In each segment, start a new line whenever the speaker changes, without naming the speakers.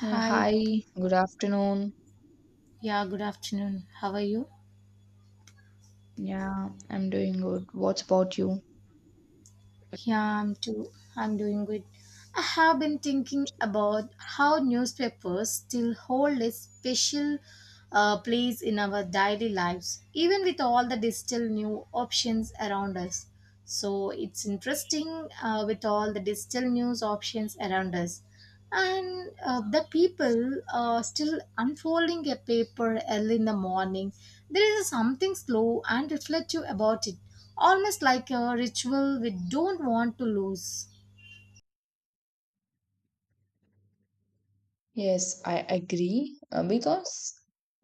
Yeah,
Hi.
hi, good afternoon.
Yeah, good afternoon. How are you?
Yeah, I'm doing good. What's about you?
Yeah, I'm too. I'm doing good. I have been thinking about how newspapers still hold a special place in our daily lives, even with all the digital new options around us. So it's interesting with all the digital news options around us. And the people are still unfolding a paper early in the morning. There is something slow and reflective about it, almost like a ritual we don't want to lose.
Yes, I agree because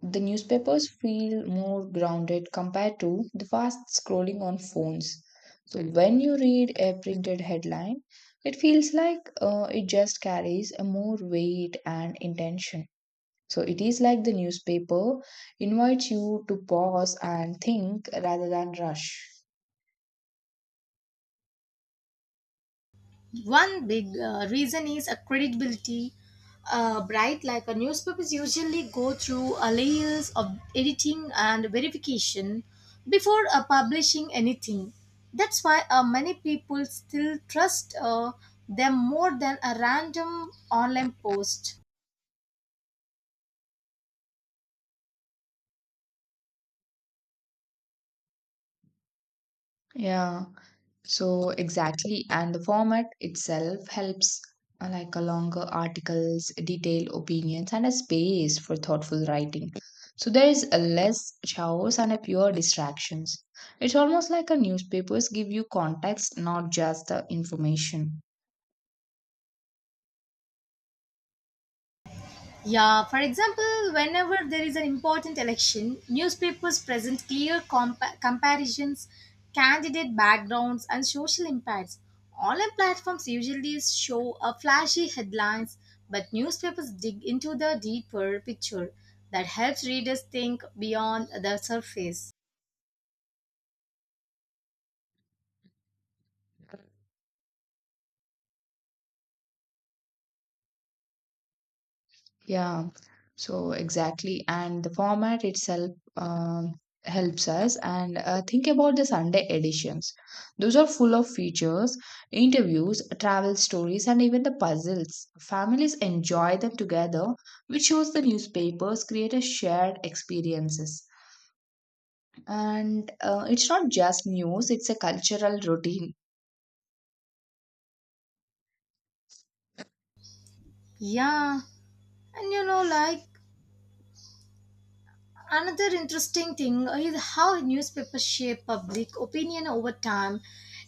the newspapers feel more grounded compared to the fast scrolling on phones. So when you read a printed headline, it feels like it just carries a more weight and intention. So it is like the newspaper invites you to pause and think rather than rush.
One big reason is a credibility. Bright like a newspapers usually go through a layers of editing and verification before publishing anything. That's why many people still trust them more than a random online post.
Yeah. So exactly, and the format itself helps like a longer articles, detailed opinions, and a space for thoughtful writing. So there is a less chaos and a pure distractions. It's almost like a newspapers give you context, not just the information.
Yeah, for example, whenever there is an important election, newspapers present clear comparisons, candidate backgrounds, and social impacts. Online platforms usually show a flashy headlines, but newspapers dig into the deeper picture that helps readers think beyond the surface.
Yeah, so exactly. And the format itself um, helps us. And think about the Sunday editions. Those are full of features, interviews, travel stories, and even the puzzles. Families enjoy them together, which shows the newspapers create a shared experiences. And it's not just news, it's a cultural routine.
Yeah, and another interesting thing is how newspapers shape public opinion over time.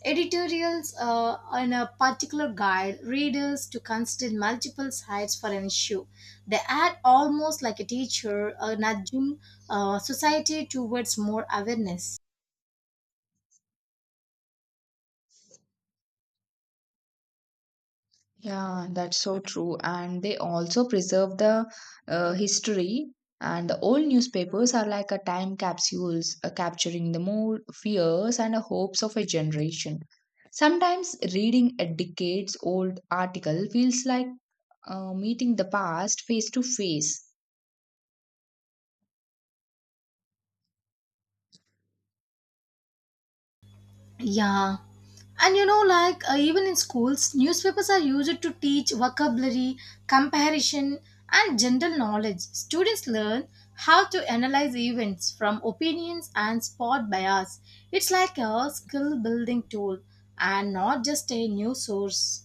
Editorials on a particular guide readers to consider multiple sides for an issue. They act almost like a teacher nudging society towards more awareness.
Yeah, that's so true. And they also preserve the history. And the old newspapers are like a time capsules, capturing the mood, fears, and hopes of a generation. Sometimes reading a decades old article feels like meeting the past face to face.
Yeah. And even in schools, newspapers are used to teach vocabulary, comparison, and general knowledge. Students learn how to analyze events from opinions and spot bias. It's like a skill building tool and not just a new source.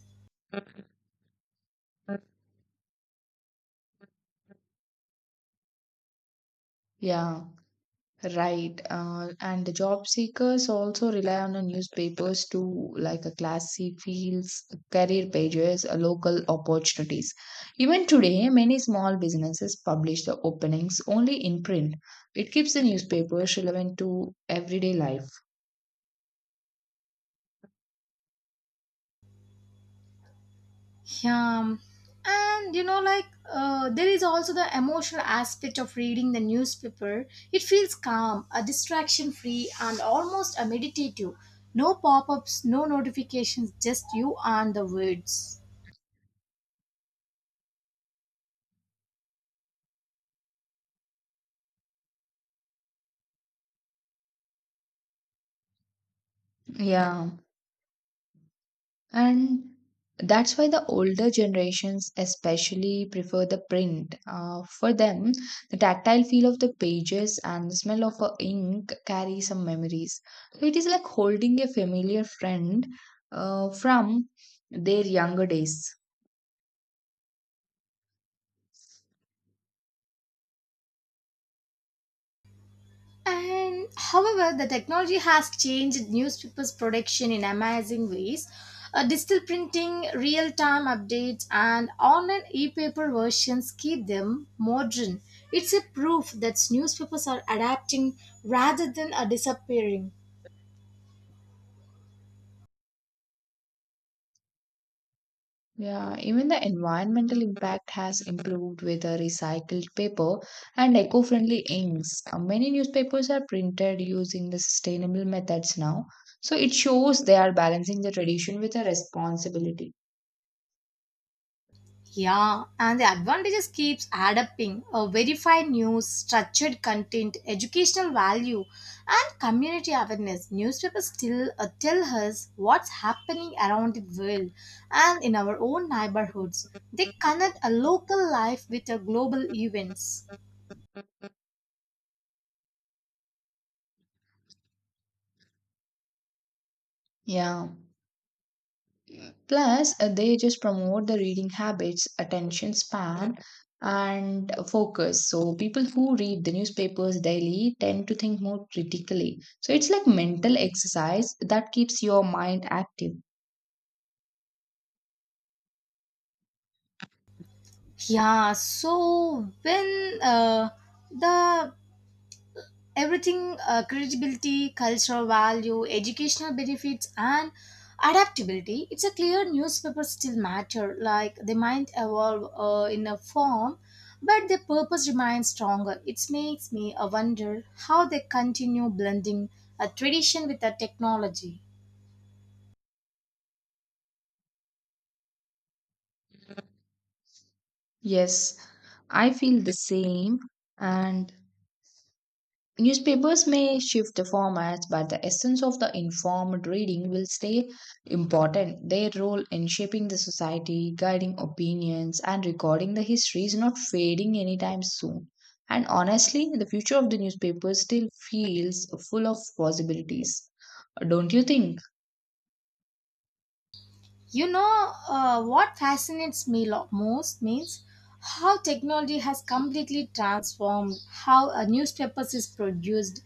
Yeah. Right. And the job seekers also rely on the newspapers to like a classy fields, career pages, local opportunities. Even today, many small businesses publish the openings only in print. It keeps the newspapers relevant to everyday life.
Yeah, and you know, like there is also the emotional aspect of reading the newspaper. It feels calm, a distraction free, and almost a meditative. No pop ups, no notifications, just you and the words.
Yeah. And that's why the older generations especially prefer the print. For them, the tactile feel of the pages and the smell of a ink carry some memories. So it is like holding a familiar friend from their younger days.
And however, the technology has changed newspapers' production in amazing ways. Digital printing, real time updates, and online e paper versions keep them modern. It's a proof that newspapers are adapting rather than are disappearing.
Yeah, even the environmental impact has improved with the recycled paper and eco-friendly inks. Many newspapers are printed using the sustainable methods now, so it shows they are balancing the tradition with a responsibility.
Yeah, and the advantages keeps adapting. A verified news, structured content, educational value, and community awareness. Newspapers still tell us what's happening around the world and in our own neighborhoods. They connect a local life with a global events.
Yeah. Plus, they just promote the reading habits, attention span, and focus. So people who read the newspapers daily tend to think more critically. So it's like mental exercise that keeps your mind active.
Yeah, so when the everything credibility cultural value educational benefits and adaptability, it's a clear newspaper still matter. Like they might evolve in a form, but their purpose remains stronger. It makes me wonder how they continue blending a tradition with a technology.
Yes, I feel the same. And newspapers may shift the formats, but the essence of the informed reading will stay important. Their role in shaping the society, guiding opinions, and recording the history is not fading anytime soon. And honestly, the future of the newspaper still feels full of possibilities. Don't you think?
You know what fascinates me most means how technology has completely transformed how a newspaper is produced.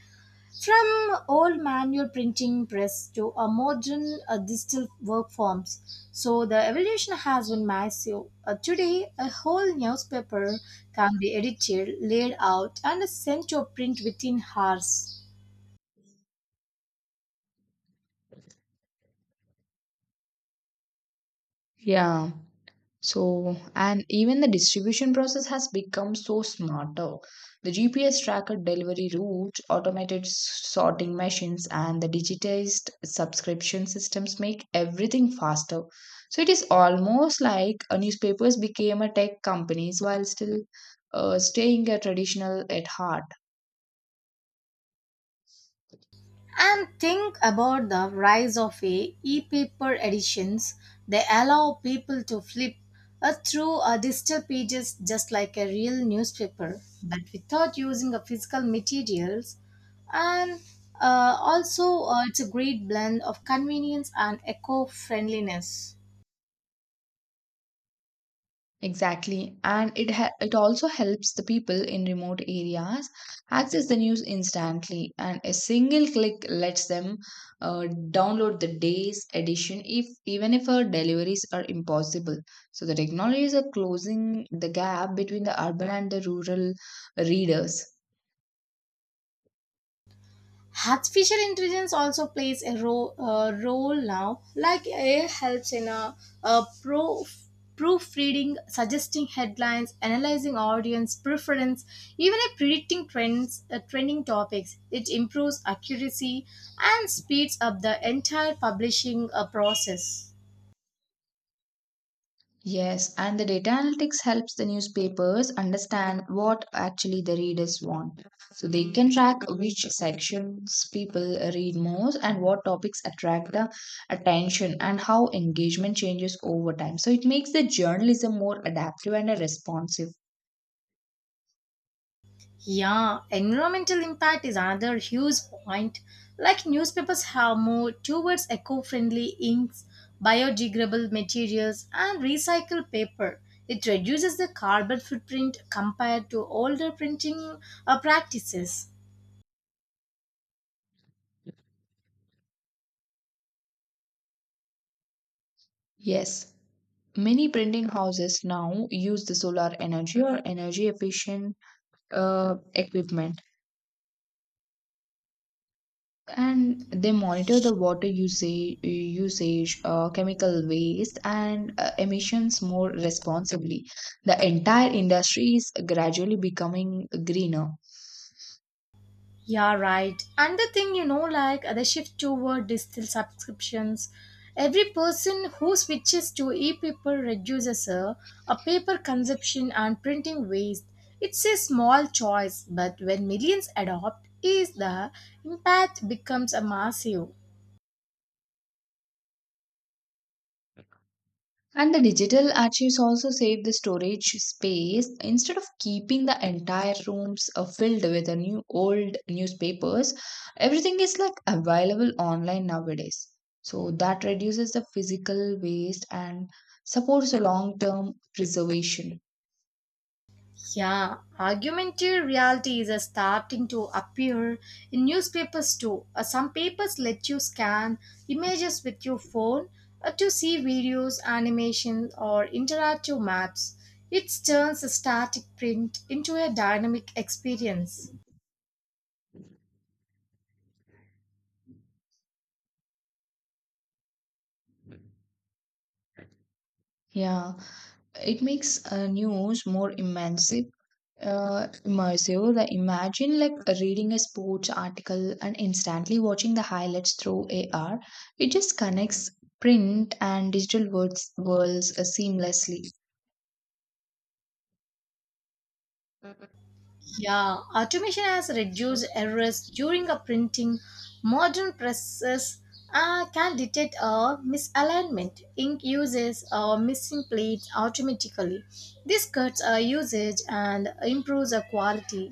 From old manual printing press to a modern digital work forms, so the evolution has been massive. Today, a whole newspaper can be edited, laid out, and sent to print within hours.
Yeah. So, and even the distribution process has become so smarter. The GPS tracker delivery routes, automated sorting machines, and the digitized subscription systems make everything faster. So, it is almost like newspapers became a tech companies while still staying a traditional at heart.
And think about the rise of a e-paper editions. They allow people to flip through digital pages just like a real newspaper, but without using a physical materials. And also, it's a great blend of convenience and eco-friendliness.
Exactly, and it also helps the people in remote areas access the news instantly, and a single click lets them uh, download the day's edition if even if our deliveries are impossible. So the technologies are closing the gap between the urban and the rural readers.
Artificial intelligence also plays a role now. Like AI helps in a pro proofreading, suggesting headlines, analyzing audience preference, even in predicting trends, trending topics. It improves accuracy and speeds up the entire publishing process.
Yes, and the data analytics helps the newspapers understand what actually the readers want. So they can track which sections people read most and what topics attract the attention and how engagement changes over time. So it makes the journalism more adaptive and responsive.
Yeah, environmental impact is another huge point. Like newspapers have moved towards eco friendly inks, biodegradable materials, and recycled paper. It reduces the carbon footprint compared to older printing practices.
Yes, many printing houses now use the solar energy or energy efficient equipment. And they monitor the water usage, chemical waste, and emissions more responsibly. The entire industry is gradually becoming greener.
Yeah, right. And the thing, you know, like the shift toward digital subscriptions, every person who switches to e-paper reduces a paper consumption and printing waste. It's a small choice, but when millions adopt, is the impact becomes a massive.
And the digital archives also save the storage space. Instead of keeping the entire rooms filled with the new old newspapers, everything is like available online nowadays. So that reduces the physical waste and supports the long term preservation.
Yeah, augmented reality is starting to appear in newspapers too. Some papers let you scan images with your phone to see videos, animations, or interactive maps. It turns a static print into a dynamic experience.
Yeah. It makes news more immersive. Immersive. Like imagine like reading a sports article and instantly watching the highlights through AR. It just connects print and digital worlds seamlessly.
Yeah, automation has reduced errors during a printing. Modern presses can detect a misalignment, ink uses or missing plates automatically. This cuts our usage and improves our quality.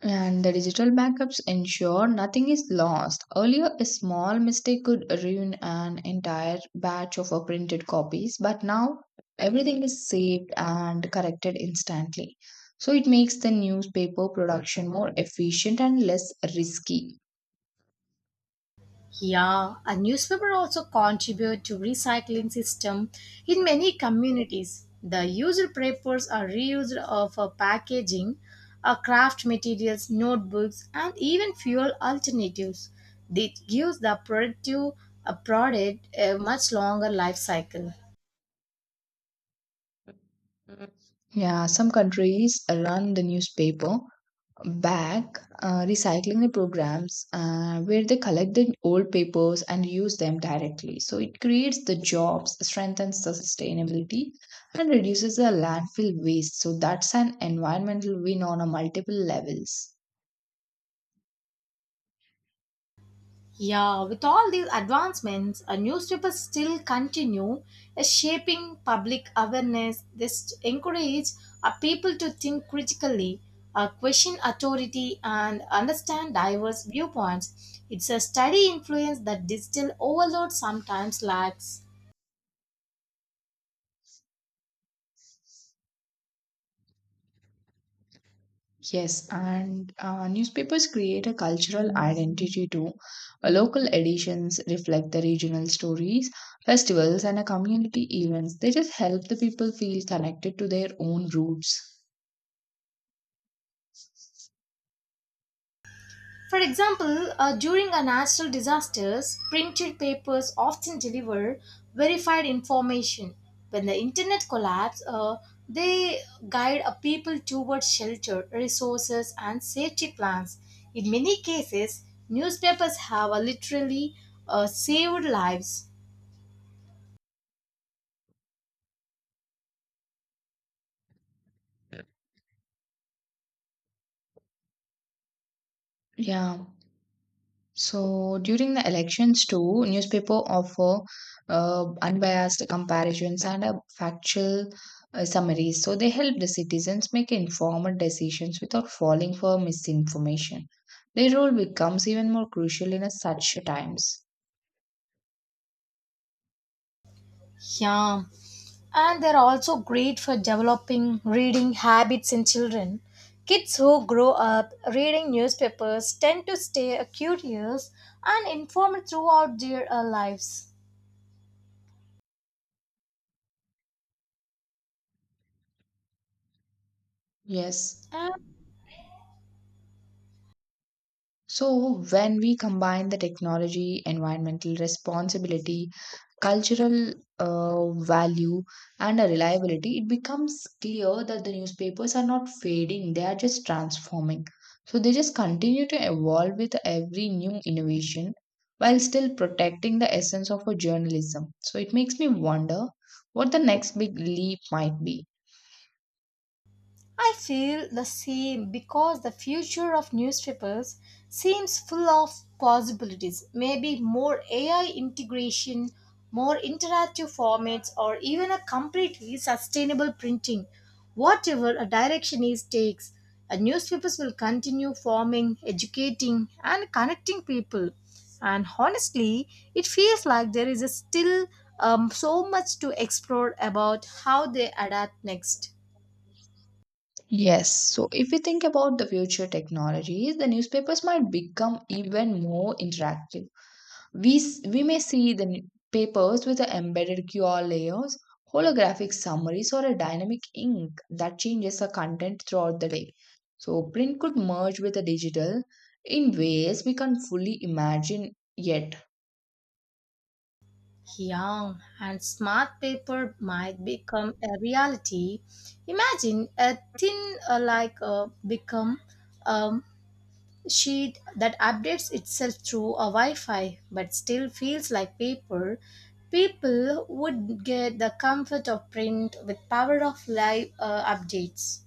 And the digital backups ensure nothing is lost. Earlier, a small mistake could ruin an entire batch of printed copies, but now everything is saved and corrected instantly. So it makes the newspaper production more efficient and less risky.
Yeah, a newspaper also contribute to recycling system in many communities. The used papers are reused for packaging, craft materials, notebooks, and even fuel alternatives. This gives the productive product a much longer life cycle.
Yeah, some countries run the newspaper back recycling programs where they collect the old papers and use them directly. So it creates the jobs, strengthens the sustainability, and reduces the landfill waste. So that's an environmental win on a multiple levels.
Yeah, with all these advancements, newspapers still continue shaping public awareness. They encourage people to think critically, question authority, and understand diverse viewpoints. It's a steady influence that digital overload sometimes lacks.
Yes, and newspapers create a cultural identity too. Local editions reflect the regional stories, festivals, and community events. They just help the people feel connected to their own roots.
For example, during a natural disasters, printed papers often deliver verified information. When the internet collapse, they guide a people towards shelter, resources, and safety plans. In many cases, newspapers have literally saved lives.
Yeah. So during the elections too, newspaper offer unbiased comparisons and a factual summaries. So they help the citizens make informed decisions without falling for misinformation. Their role becomes even more crucial in a such times.
Yeah. And they're also great for developing reading habits in children. Kids who grow up reading newspapers tend to stay curious and informed throughout their lives.
Yes.
And
So when we combine the technology, environmental responsibility, cultural value and a reliability, it becomes clear that the newspapers are not fading, they are just transforming. So they just continue to evolve with every new innovation while still protecting the essence of a journalism. So it makes me wonder what the next big leap might be.
I feel the same because the future of newspapers seems full of possibilities. Maybe more AI integration, more interactive formats, or even a completely sustainable printing. Whatever a direction is takes, a newspapers will continue forming, educating, and connecting people. And honestly, it feels like there is a still so much to explore about how they adapt next.
Yes, so if we think about the future technologies, the newspapers might become even more interactive. We may see the papers with the embedded QR layers, holographic summaries, or a dynamic ink that changes the content throughout the day. So, print could merge with the digital in ways we can't fully imagine yet.
Young and smart paper might become a reality. Imagine a thin become a sheet that updates itself through a Wi-Fi but still feels like paper. People would get the comfort of print with power of live updates.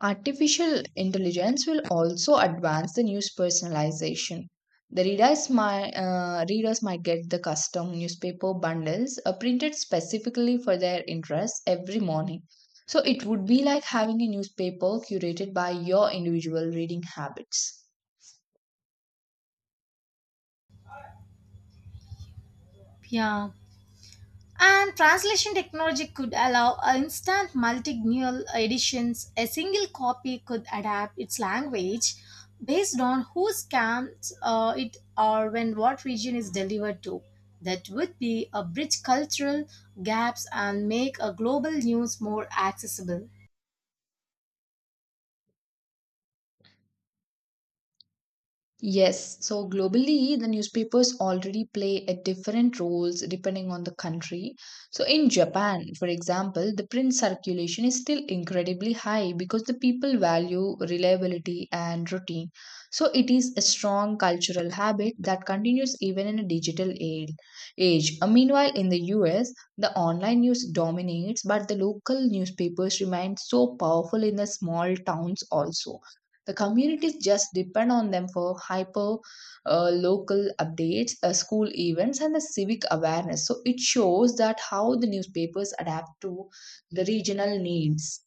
Artificial intelligence will also advance the news personalization. The readers might get the custom newspaper bundles printed specifically for their interests every morning. So it would be like having a newspaper curated by your individual reading habits.
Yeah. And translation technology could allow instant multilingual editions. A single copy could adapt its language based on who scans it or when what region is delivered to. That would be a bridge cultural gaps and make a global news more accessible.
Yes, so globally, the newspapers already play a different roles depending on the country. So in Japan, for example, the print circulation is still incredibly high because the people value reliability and routine. So it is a strong cultural habit that continues even in a digital age. Meanwhile, in the US, the online news dominates, but the local newspapers remain so powerful in the small towns also. The communities just depend on them for hyper local updates, school events, and the civic awareness. So it shows that how the newspapers adapt to the regional needs.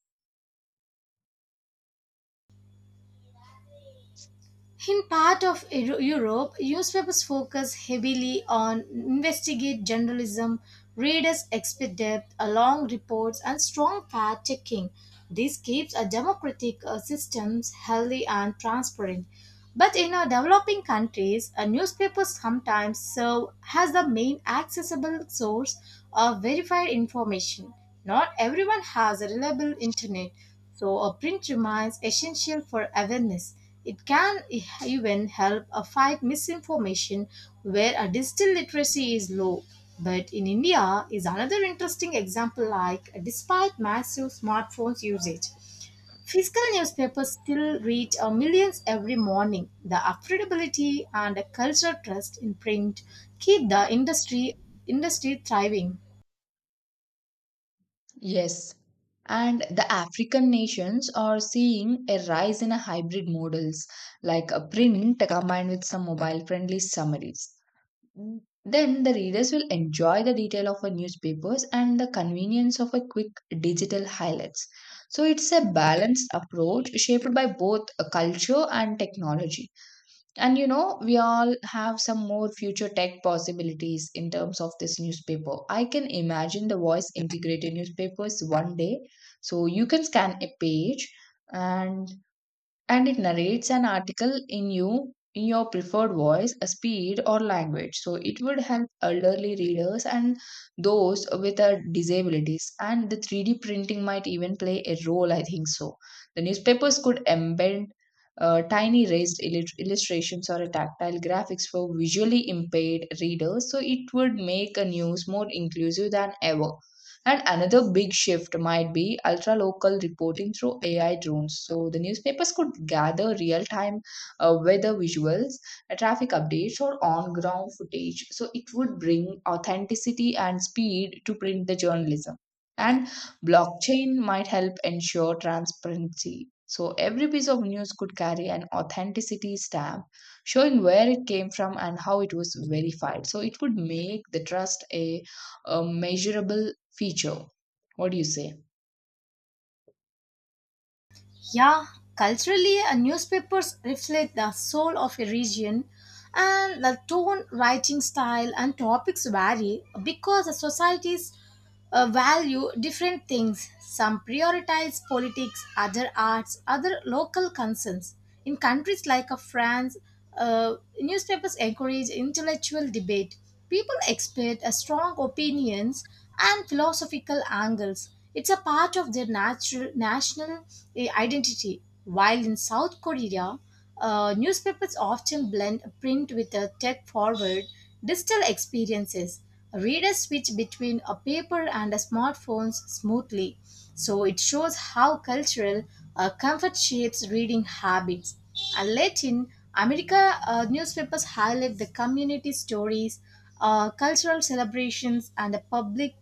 In part of Europe, newspapers focus heavily on investigative journalism. Readers expect depth, long reports, and strong fact checking. This keeps a democratic systems healthy and transparent. But in our developing countries, newspapers sometimes serve as the main accessible source of verified information. Not everyone has a reliable internet, so a print remains essential for awareness. It can even help fight misinformation where a digital literacy is low. But in India is another interesting example. Like despite massive smartphones usage, physical newspapers still reach millions every morning. The affordability and the cultural trust in print keep the industry thriving.
Yes. And the African nations are seeing a rise in a hybrid models like a print combined with some mobile friendly summaries. Then the readers will enjoy the detail of a newspapers and the convenience of a quick digital highlights. So it's a balanced approach shaped by both culture and technology. And you know, we all have some more future tech possibilities in terms of this newspaper. I can imagine the voice integrated newspapers one day. So you can scan a page and it narrates an article in your preferred voice a speed or language, so it would help elderly readers and those with disabilities, and the 3D printing might even play a role, I think so. The newspapers could embed tiny raised illustrations or a tactile graphics for visually impaired readers, so it would make a news more inclusive than ever. And another big shift might be ultra local reporting through AI drones. So the newspapers could gather real time weather visuals, traffic updates, or on ground footage. So it would bring authenticity and speed to print the journalism. And blockchain might help ensure transparency. So every piece of news could carry an authenticity stamp showing where it came from and how it was verified. So it would make the trust a measurable feature. What do you say?
Yeah, culturally, newspapers reflect the soul of a region, and the tone, writing style, and topics vary because the societies value different things. Some prioritize politics, other arts, other local concerns. In countries like France, newspapers encourage intellectual debate. People expect a strong opinions and philosophical angles. It's a part of their natural national identity. While in South Korea, newspapers often blend print with a tech forward digital experiences. Readers switch between a paper and a smartphones smoothly. So it shows how cultural comfort shapes reading habits. And Latin America newspapers highlight the community stories, cultural celebrations, and the public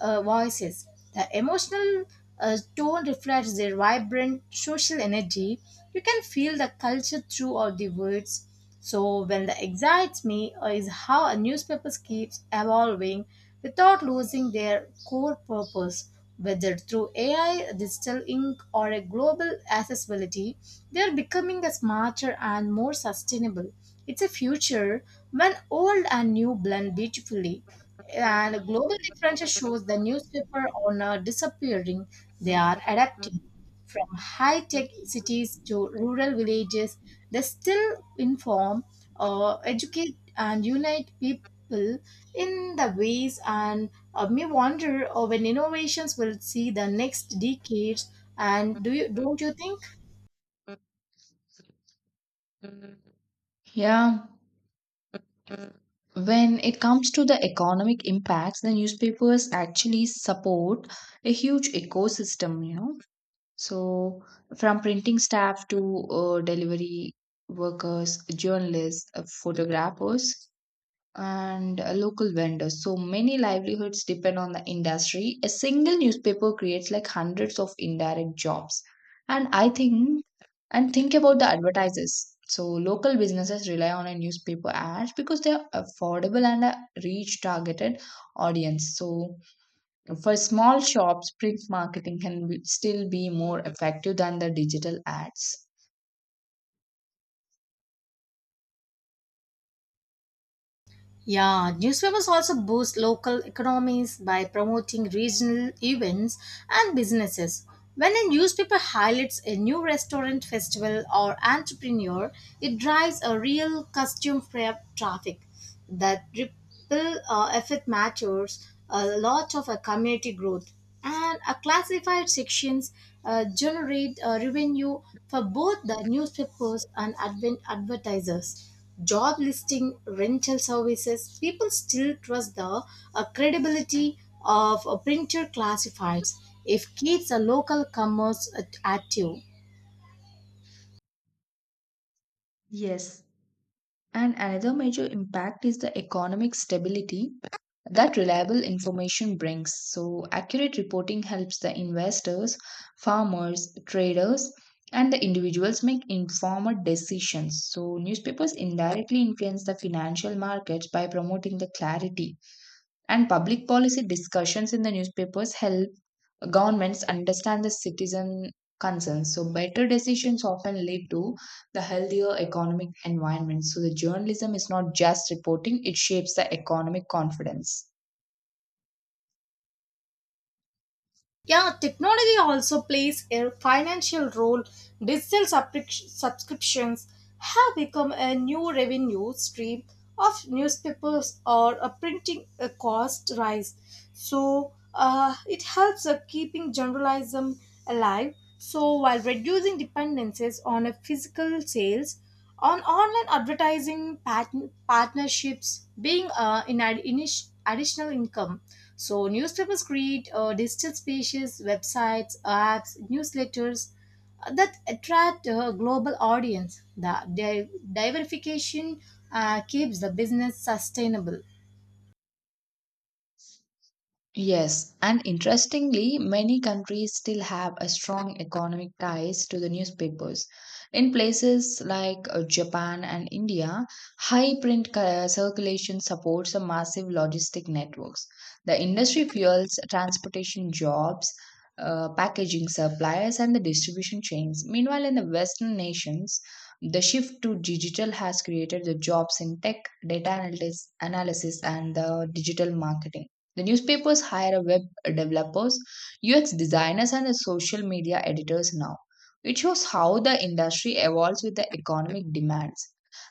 voices. The emotional tone reflects their vibrant social energy. You can feel the culture throughout the words. So, when the excites me is how a newspaper keeps evolving without losing their core purpose. Whether through AI, digital ink, or a global accessibility, they are becoming a smarter and more sustainable. It's a future when old and new blend beautifully. And global differences shows the newspaper owner disappearing. They are adapting from high-tech cities to rural villages. They still inform, educate, and unite people in the ways. And me wonder when innovations will see the next decades. And do you don't you think?
Yeah, when it comes to the economic impacts, the newspapers actually support a huge ecosystem, you know. So, from printing staff to delivery workers, journalists, photographers, and local vendors. So many livelihoods depend on the industry. A single newspaper creates like hundreds of indirect jobs. And I think, and think about the advertisers. So local businesses rely on a newspaper ads because they are affordable and reach targeted audience. So for small shops, print marketing can be, still be more effective than the digital ads.
Yeah, newspapers also boost local economies by promoting regional events and businesses. When a newspaper highlights a new restaurant, festival, or entrepreneur, it drives a real costume prep traffic. That ripple effect matters a lot of a community growth. And a classified sections generate revenue for both the newspapers and advent advertisers, job listing, rental services. People still trust the credibility of printer classifieds. If keeps a local commerce active.
Yes, and another major impact is the economic stability that reliable information brings. So, accurate reporting helps the investors, farmers, traders, and the individuals make informed decisions. So, newspapers indirectly influence the financial markets by promoting the clarity, and public policy discussions in the newspapers help governments understand the citizen concerns. So better decisions often lead to the healthier economic environment. So the journalism is not just reporting, it shapes the economic confidence.
Yeah, technology also plays a financial role. Digital subscriptions have become a new revenue stream of newspapers or a printing cost rise. So it helps keeping journalism alive. So while reducing dependencies on a physical sales, on online advertising partnerships being additional income. So newspapers create digital spaces, websites, apps, newsletters that attract a global audience. The diversification keeps the business sustainable.
Yes, and interestingly, many countries still have a strong economic ties to the newspapers. In places like Japan and India, high print circulation supports a massive logistic networks. The industry fuels transportation jobs, packaging suppliers, and the distribution chains. Meanwhile, in the Western nations, the shift to digital has created the jobs in tech, data analytics, analysis, and the digital marketing. The newspapers hire web developers, UX designers, and social media editors now. It shows how the industry evolves with the economic demands.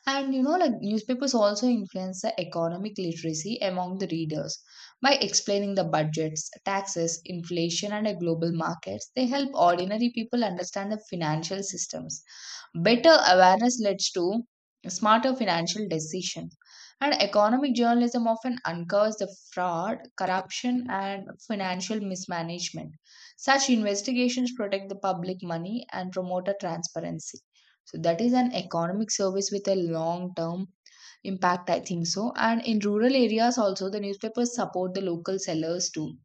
And you know, like newspapers also influence the economic literacy among the readers. By explaining the budgets, taxes, inflation, and a global markets, they help ordinary people understand the financial systems. Better awareness leads to smarter financial decisions. And economic journalism often uncovers the fraud, corruption, and financial mismanagement. Such investigations protect the public money and promote a transparency. So, that is an economic service with a long term impact, I think so. And in rural areas, also, the newspapers support the local sellers too.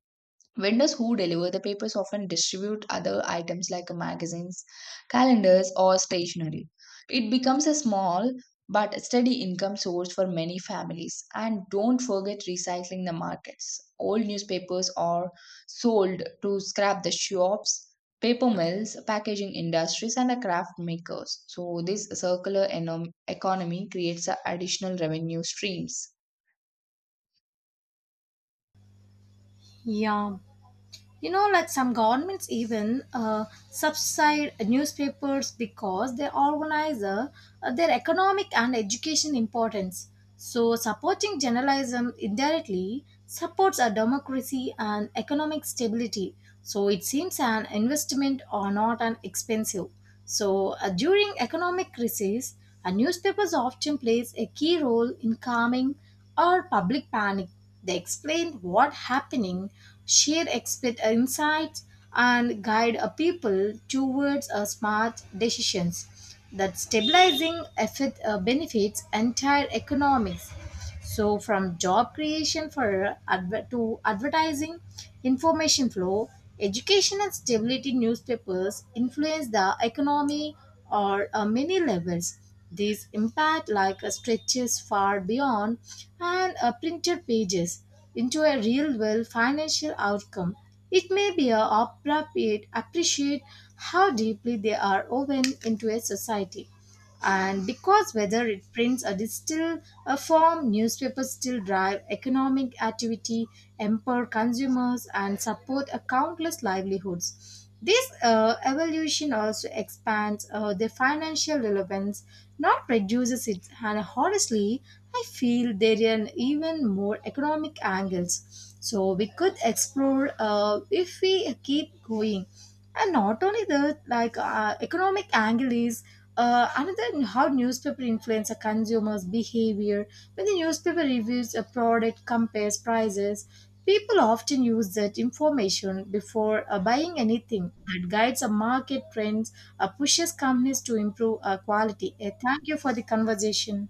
Vendors who deliver the papers often distribute other items like magazines, calendars, or stationery. It becomes a small but steady income source for many families. And don't forget recycling the markets. Old newspapers are sold to scrap the shops, paper mills, packaging industries, and the craft makers. So, this circular economy creates a additional revenue streams.
Yeah, you know, like some governments even uh, subside newspapers because they organize their economic and education importance. So supporting journalism indirectly supports a democracy and economic stability. So it seems an investment or not an expensive. So during economic crisis, a newspapers often plays a key role in calming or public panic. They explain what happening, share expert insights, and guide a people towards a smart decisions. That stabilizing effort, benefits entire economics. So, from job creation for to advertising, information flow, education and stability, newspapers influence the economy or many levels. These impact like stretches far beyond and printed pages into a real world financial outcome. It may be a appropriate appreciate how deeply they are woven into a society. And because whether it prints or distill a form, newspapers still drive economic activity, empower consumers, and support a countless livelihoods. This evolution also expands their financial relevance, not reduces it, and honestly, I feel there are even more economic angles. So we could explore if we keep going. And not only that, like economic angle is another how newspaper influence a consumer's behavior. When the newspaper reviews a product, compares prices, people often use that information before buying anything that guides a market trends, pushes companies to improve quality. Thank you for the conversation.